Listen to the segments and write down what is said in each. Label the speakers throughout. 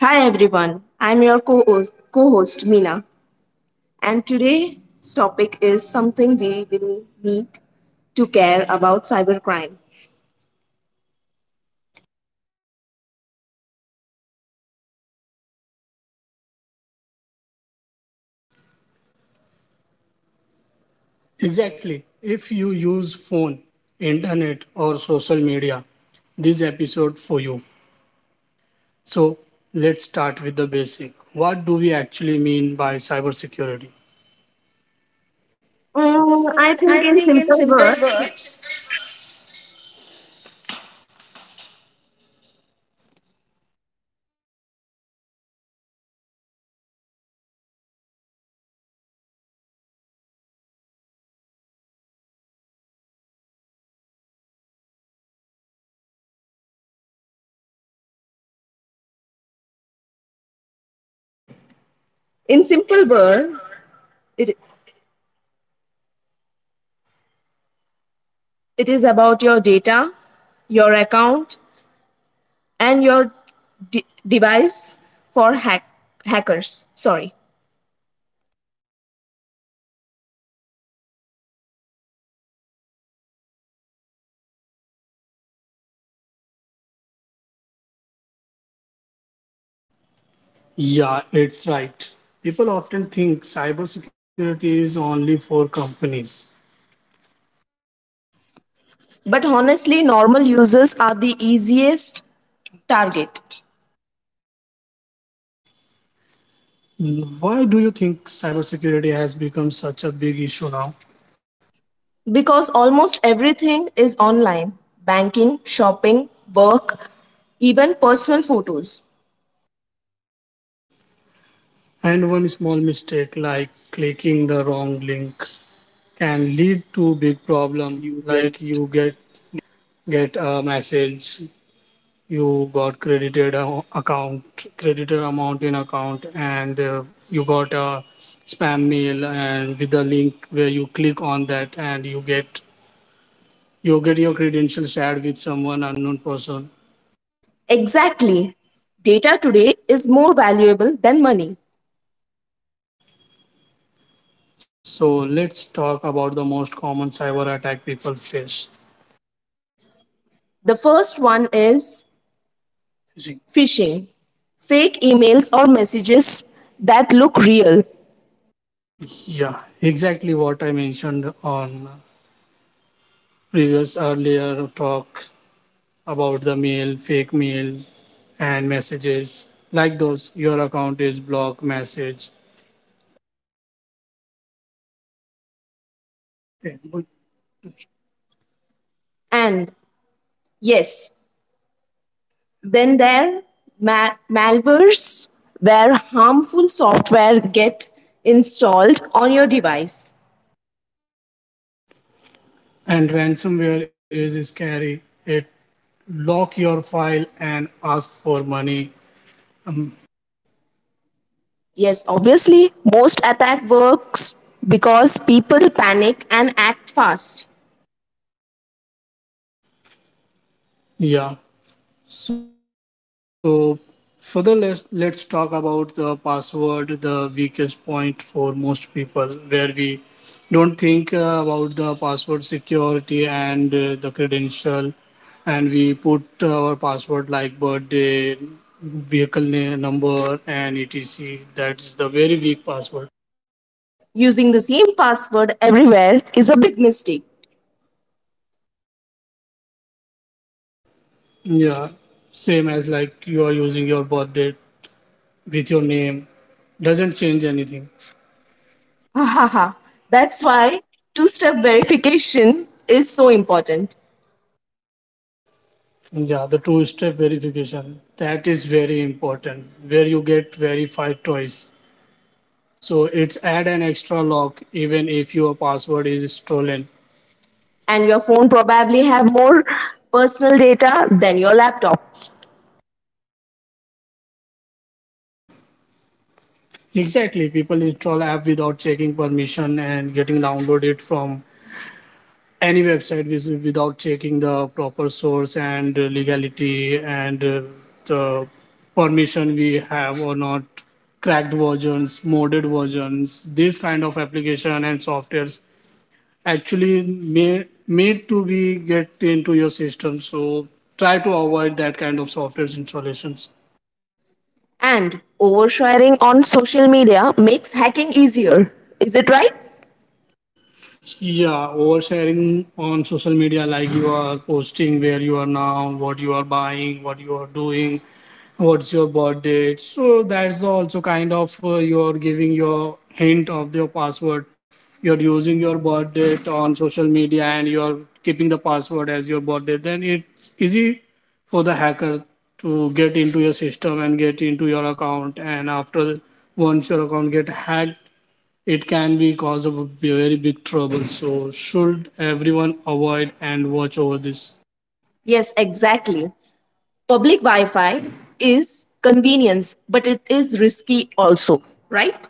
Speaker 1: Hi everyone, I'm your co-host, Mina, and today's topic is something we will need to care about cybercrime.
Speaker 2: Exactly. If you use phone, internet or social media, this episode for you. So let's start with the basic. What do we actually mean by cybersecurity? Mm,
Speaker 1: I
Speaker 2: I
Speaker 1: think in
Speaker 2: think in
Speaker 1: simple
Speaker 2: simple
Speaker 1: words,
Speaker 2: words,
Speaker 1: in simple word, it, it is about your data, your account, and your device for hackers. Sorry,
Speaker 2: yeah, it's right. People often think cybersecurity is only for companies.
Speaker 1: but honestly, normal users are the easiest target.
Speaker 2: Mm, why do you think cybersecurity has become such a big issue now?
Speaker 1: Because almost everything is online, banking, shopping, work, even personal photos.
Speaker 2: And one small mistake like clicking the wrong link can lead to big problem like you get a message, you got credited account credited amount in account, and you got a spam mail and with a link where you click on that and you get your credentials shared with someone unknown person.
Speaker 1: Exactly. Data today is more valuable than money.
Speaker 2: So let's talk about the most common cyber attack people face.
Speaker 1: The first one is phishing, fake emails or messages that look real.
Speaker 2: Yeah, exactly what I mentioned on previous earlier talk about the mail, fake mail, and messages. Like those, your account is blocked message.
Speaker 1: And yes, then there malwares where harmful software get installed on your device.
Speaker 2: And ransomware is scary. It lock your file and ask for money.
Speaker 1: Yes, obviously, most attack works because people panic and act fast.
Speaker 2: Yeah. So further let's talk about the password, the weakest point for most people where we don't think about the password security, and the credential, and we put our password like birthday, vehicle name, number, and etc. That's the very weak password.
Speaker 1: Using the same password everywhere is a big mistake.
Speaker 2: Yeah, same as like you are using your birth date with your name doesn't change anything.
Speaker 1: Ha ha ha. That's why two step verification is so important.
Speaker 2: Yeah, the two step verification, that is very important where you get verified twice, so it's add an extra lock even if your password is stolen.
Speaker 1: And your phone probably have more personal data than your laptop.
Speaker 2: Exactly, people install app without checking permission and getting downloaded from any website without checking the proper source, and legality, and the permission we have or not. Cracked versions, modded versions, this kind of application and softwares actually made to be get into your system, so try to avoid that kind of softwares installations.
Speaker 1: And oversharing on social media makes hacking easier. Is it right?
Speaker 2: Yeah, oversharing on social media like you are posting where you are now, what you are buying, what you are doing, what's your birth date, so that's also kind of you're giving your hint of your password. You're using your birth date on social media and you're keeping the password as your birth date, then it's easy for the hacker to get into your system and get into your account. And after, once your account get hacked, it can be cause of a very big trouble, so should everyone avoid and watch over this.
Speaker 1: Yes, exactly. Public Wi Fi is convenience, but it is risky also, right?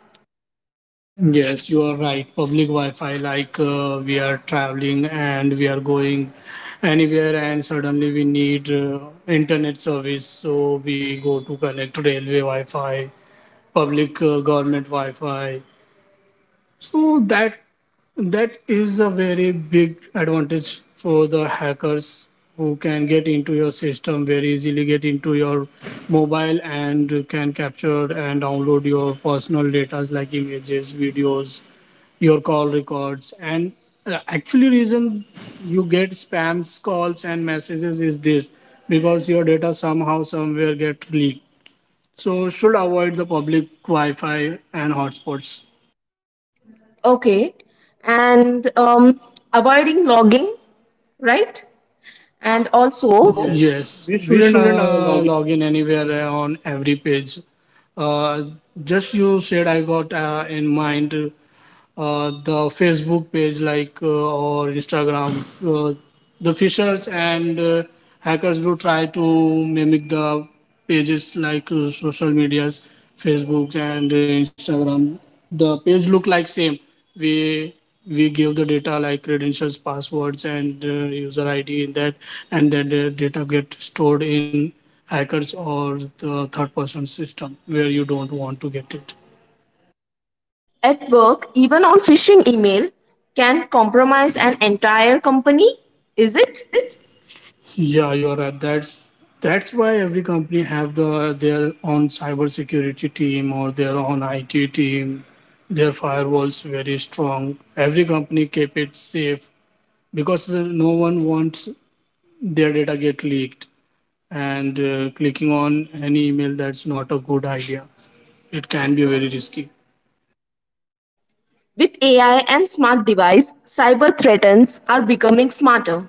Speaker 2: Yes, you are right. Public Wi-Fi, like we are traveling and we are going anywhere, and suddenly we need internet service, so we go to connect railway Wi-Fi, public government Wi-Fi, so that is a very big advantage for the hackers who can get into your system very easily, get into your mobile and can capture and download your personal data like images, videos, your call records. And actually reason you get spams, calls and messages is this, because your data somehow somewhere get leaked. So should avoid the public Wi-Fi and hotspots.
Speaker 1: Okay. And avoiding logging, right? And also
Speaker 2: Also, yes, we shouldn't log in anywhere on every page. Uh, just you said I got in mind the Facebook page, like or Instagram. Uh, the fishers and hackers do try to mimic the pages like social medias, Facebook and Instagram. The page look like same. We we give the data like credentials, passwords, and user ID in that, and that the data get stored in hackers or the third person system where you don't want to get it.
Speaker 1: at work, even on phishing email can compromise an entire company, is
Speaker 2: Is
Speaker 1: it?
Speaker 2: it? Yeah, you are right. That's why every company have their own cybersecurity team or their own IT team. Their firewalls very strong. Every company keep it safe because no one wants their data get leaked. And clicking on any email, that's not a good idea. It can be very risky.
Speaker 1: With AI and smart device, cyber threats are becoming smarter.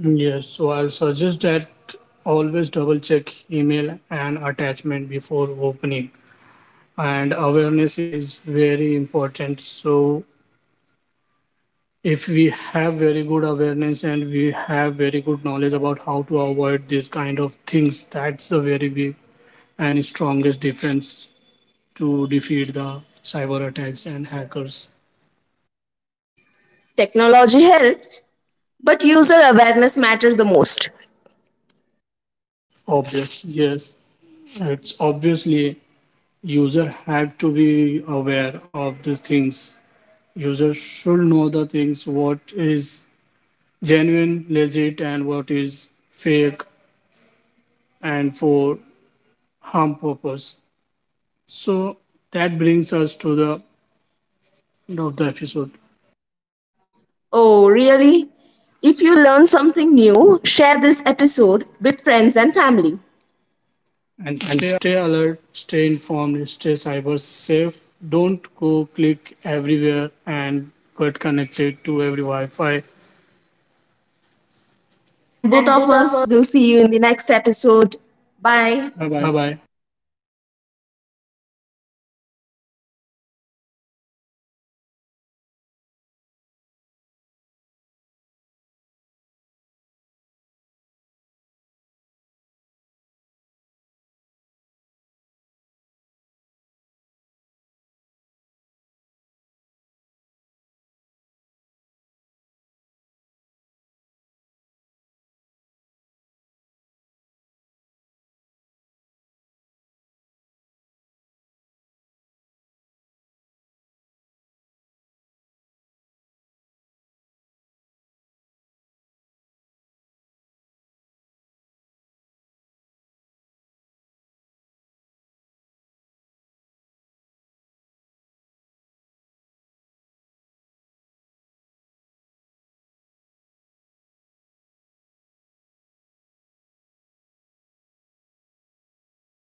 Speaker 2: Yes, so I'll suggest that always double check email and attachment before opening, and awareness is very important. So if we have very good awareness and we have very good knowledge about how to avoid these kind of things, that's the very big and strongest difference to defeat the cyber attacks and hackers.
Speaker 1: Technology helps, but user awareness matters the most.
Speaker 2: Obvious, yes, it's obviously user have to be aware of these things. User should know the things what is genuine, legit, and what is fake and for harm purpose. So that brings us to the end of the episode.
Speaker 1: Oh, really? If you learn something new, share this episode with friends and family.
Speaker 2: And stay alert, stay informed, stay cyber safe. Don't go click everywhere and get connected to every Wi Fi.
Speaker 1: And both
Speaker 2: And
Speaker 1: of
Speaker 2: both of us,
Speaker 1: us will see you in the next episode. Bye.
Speaker 2: bye. Bye bye.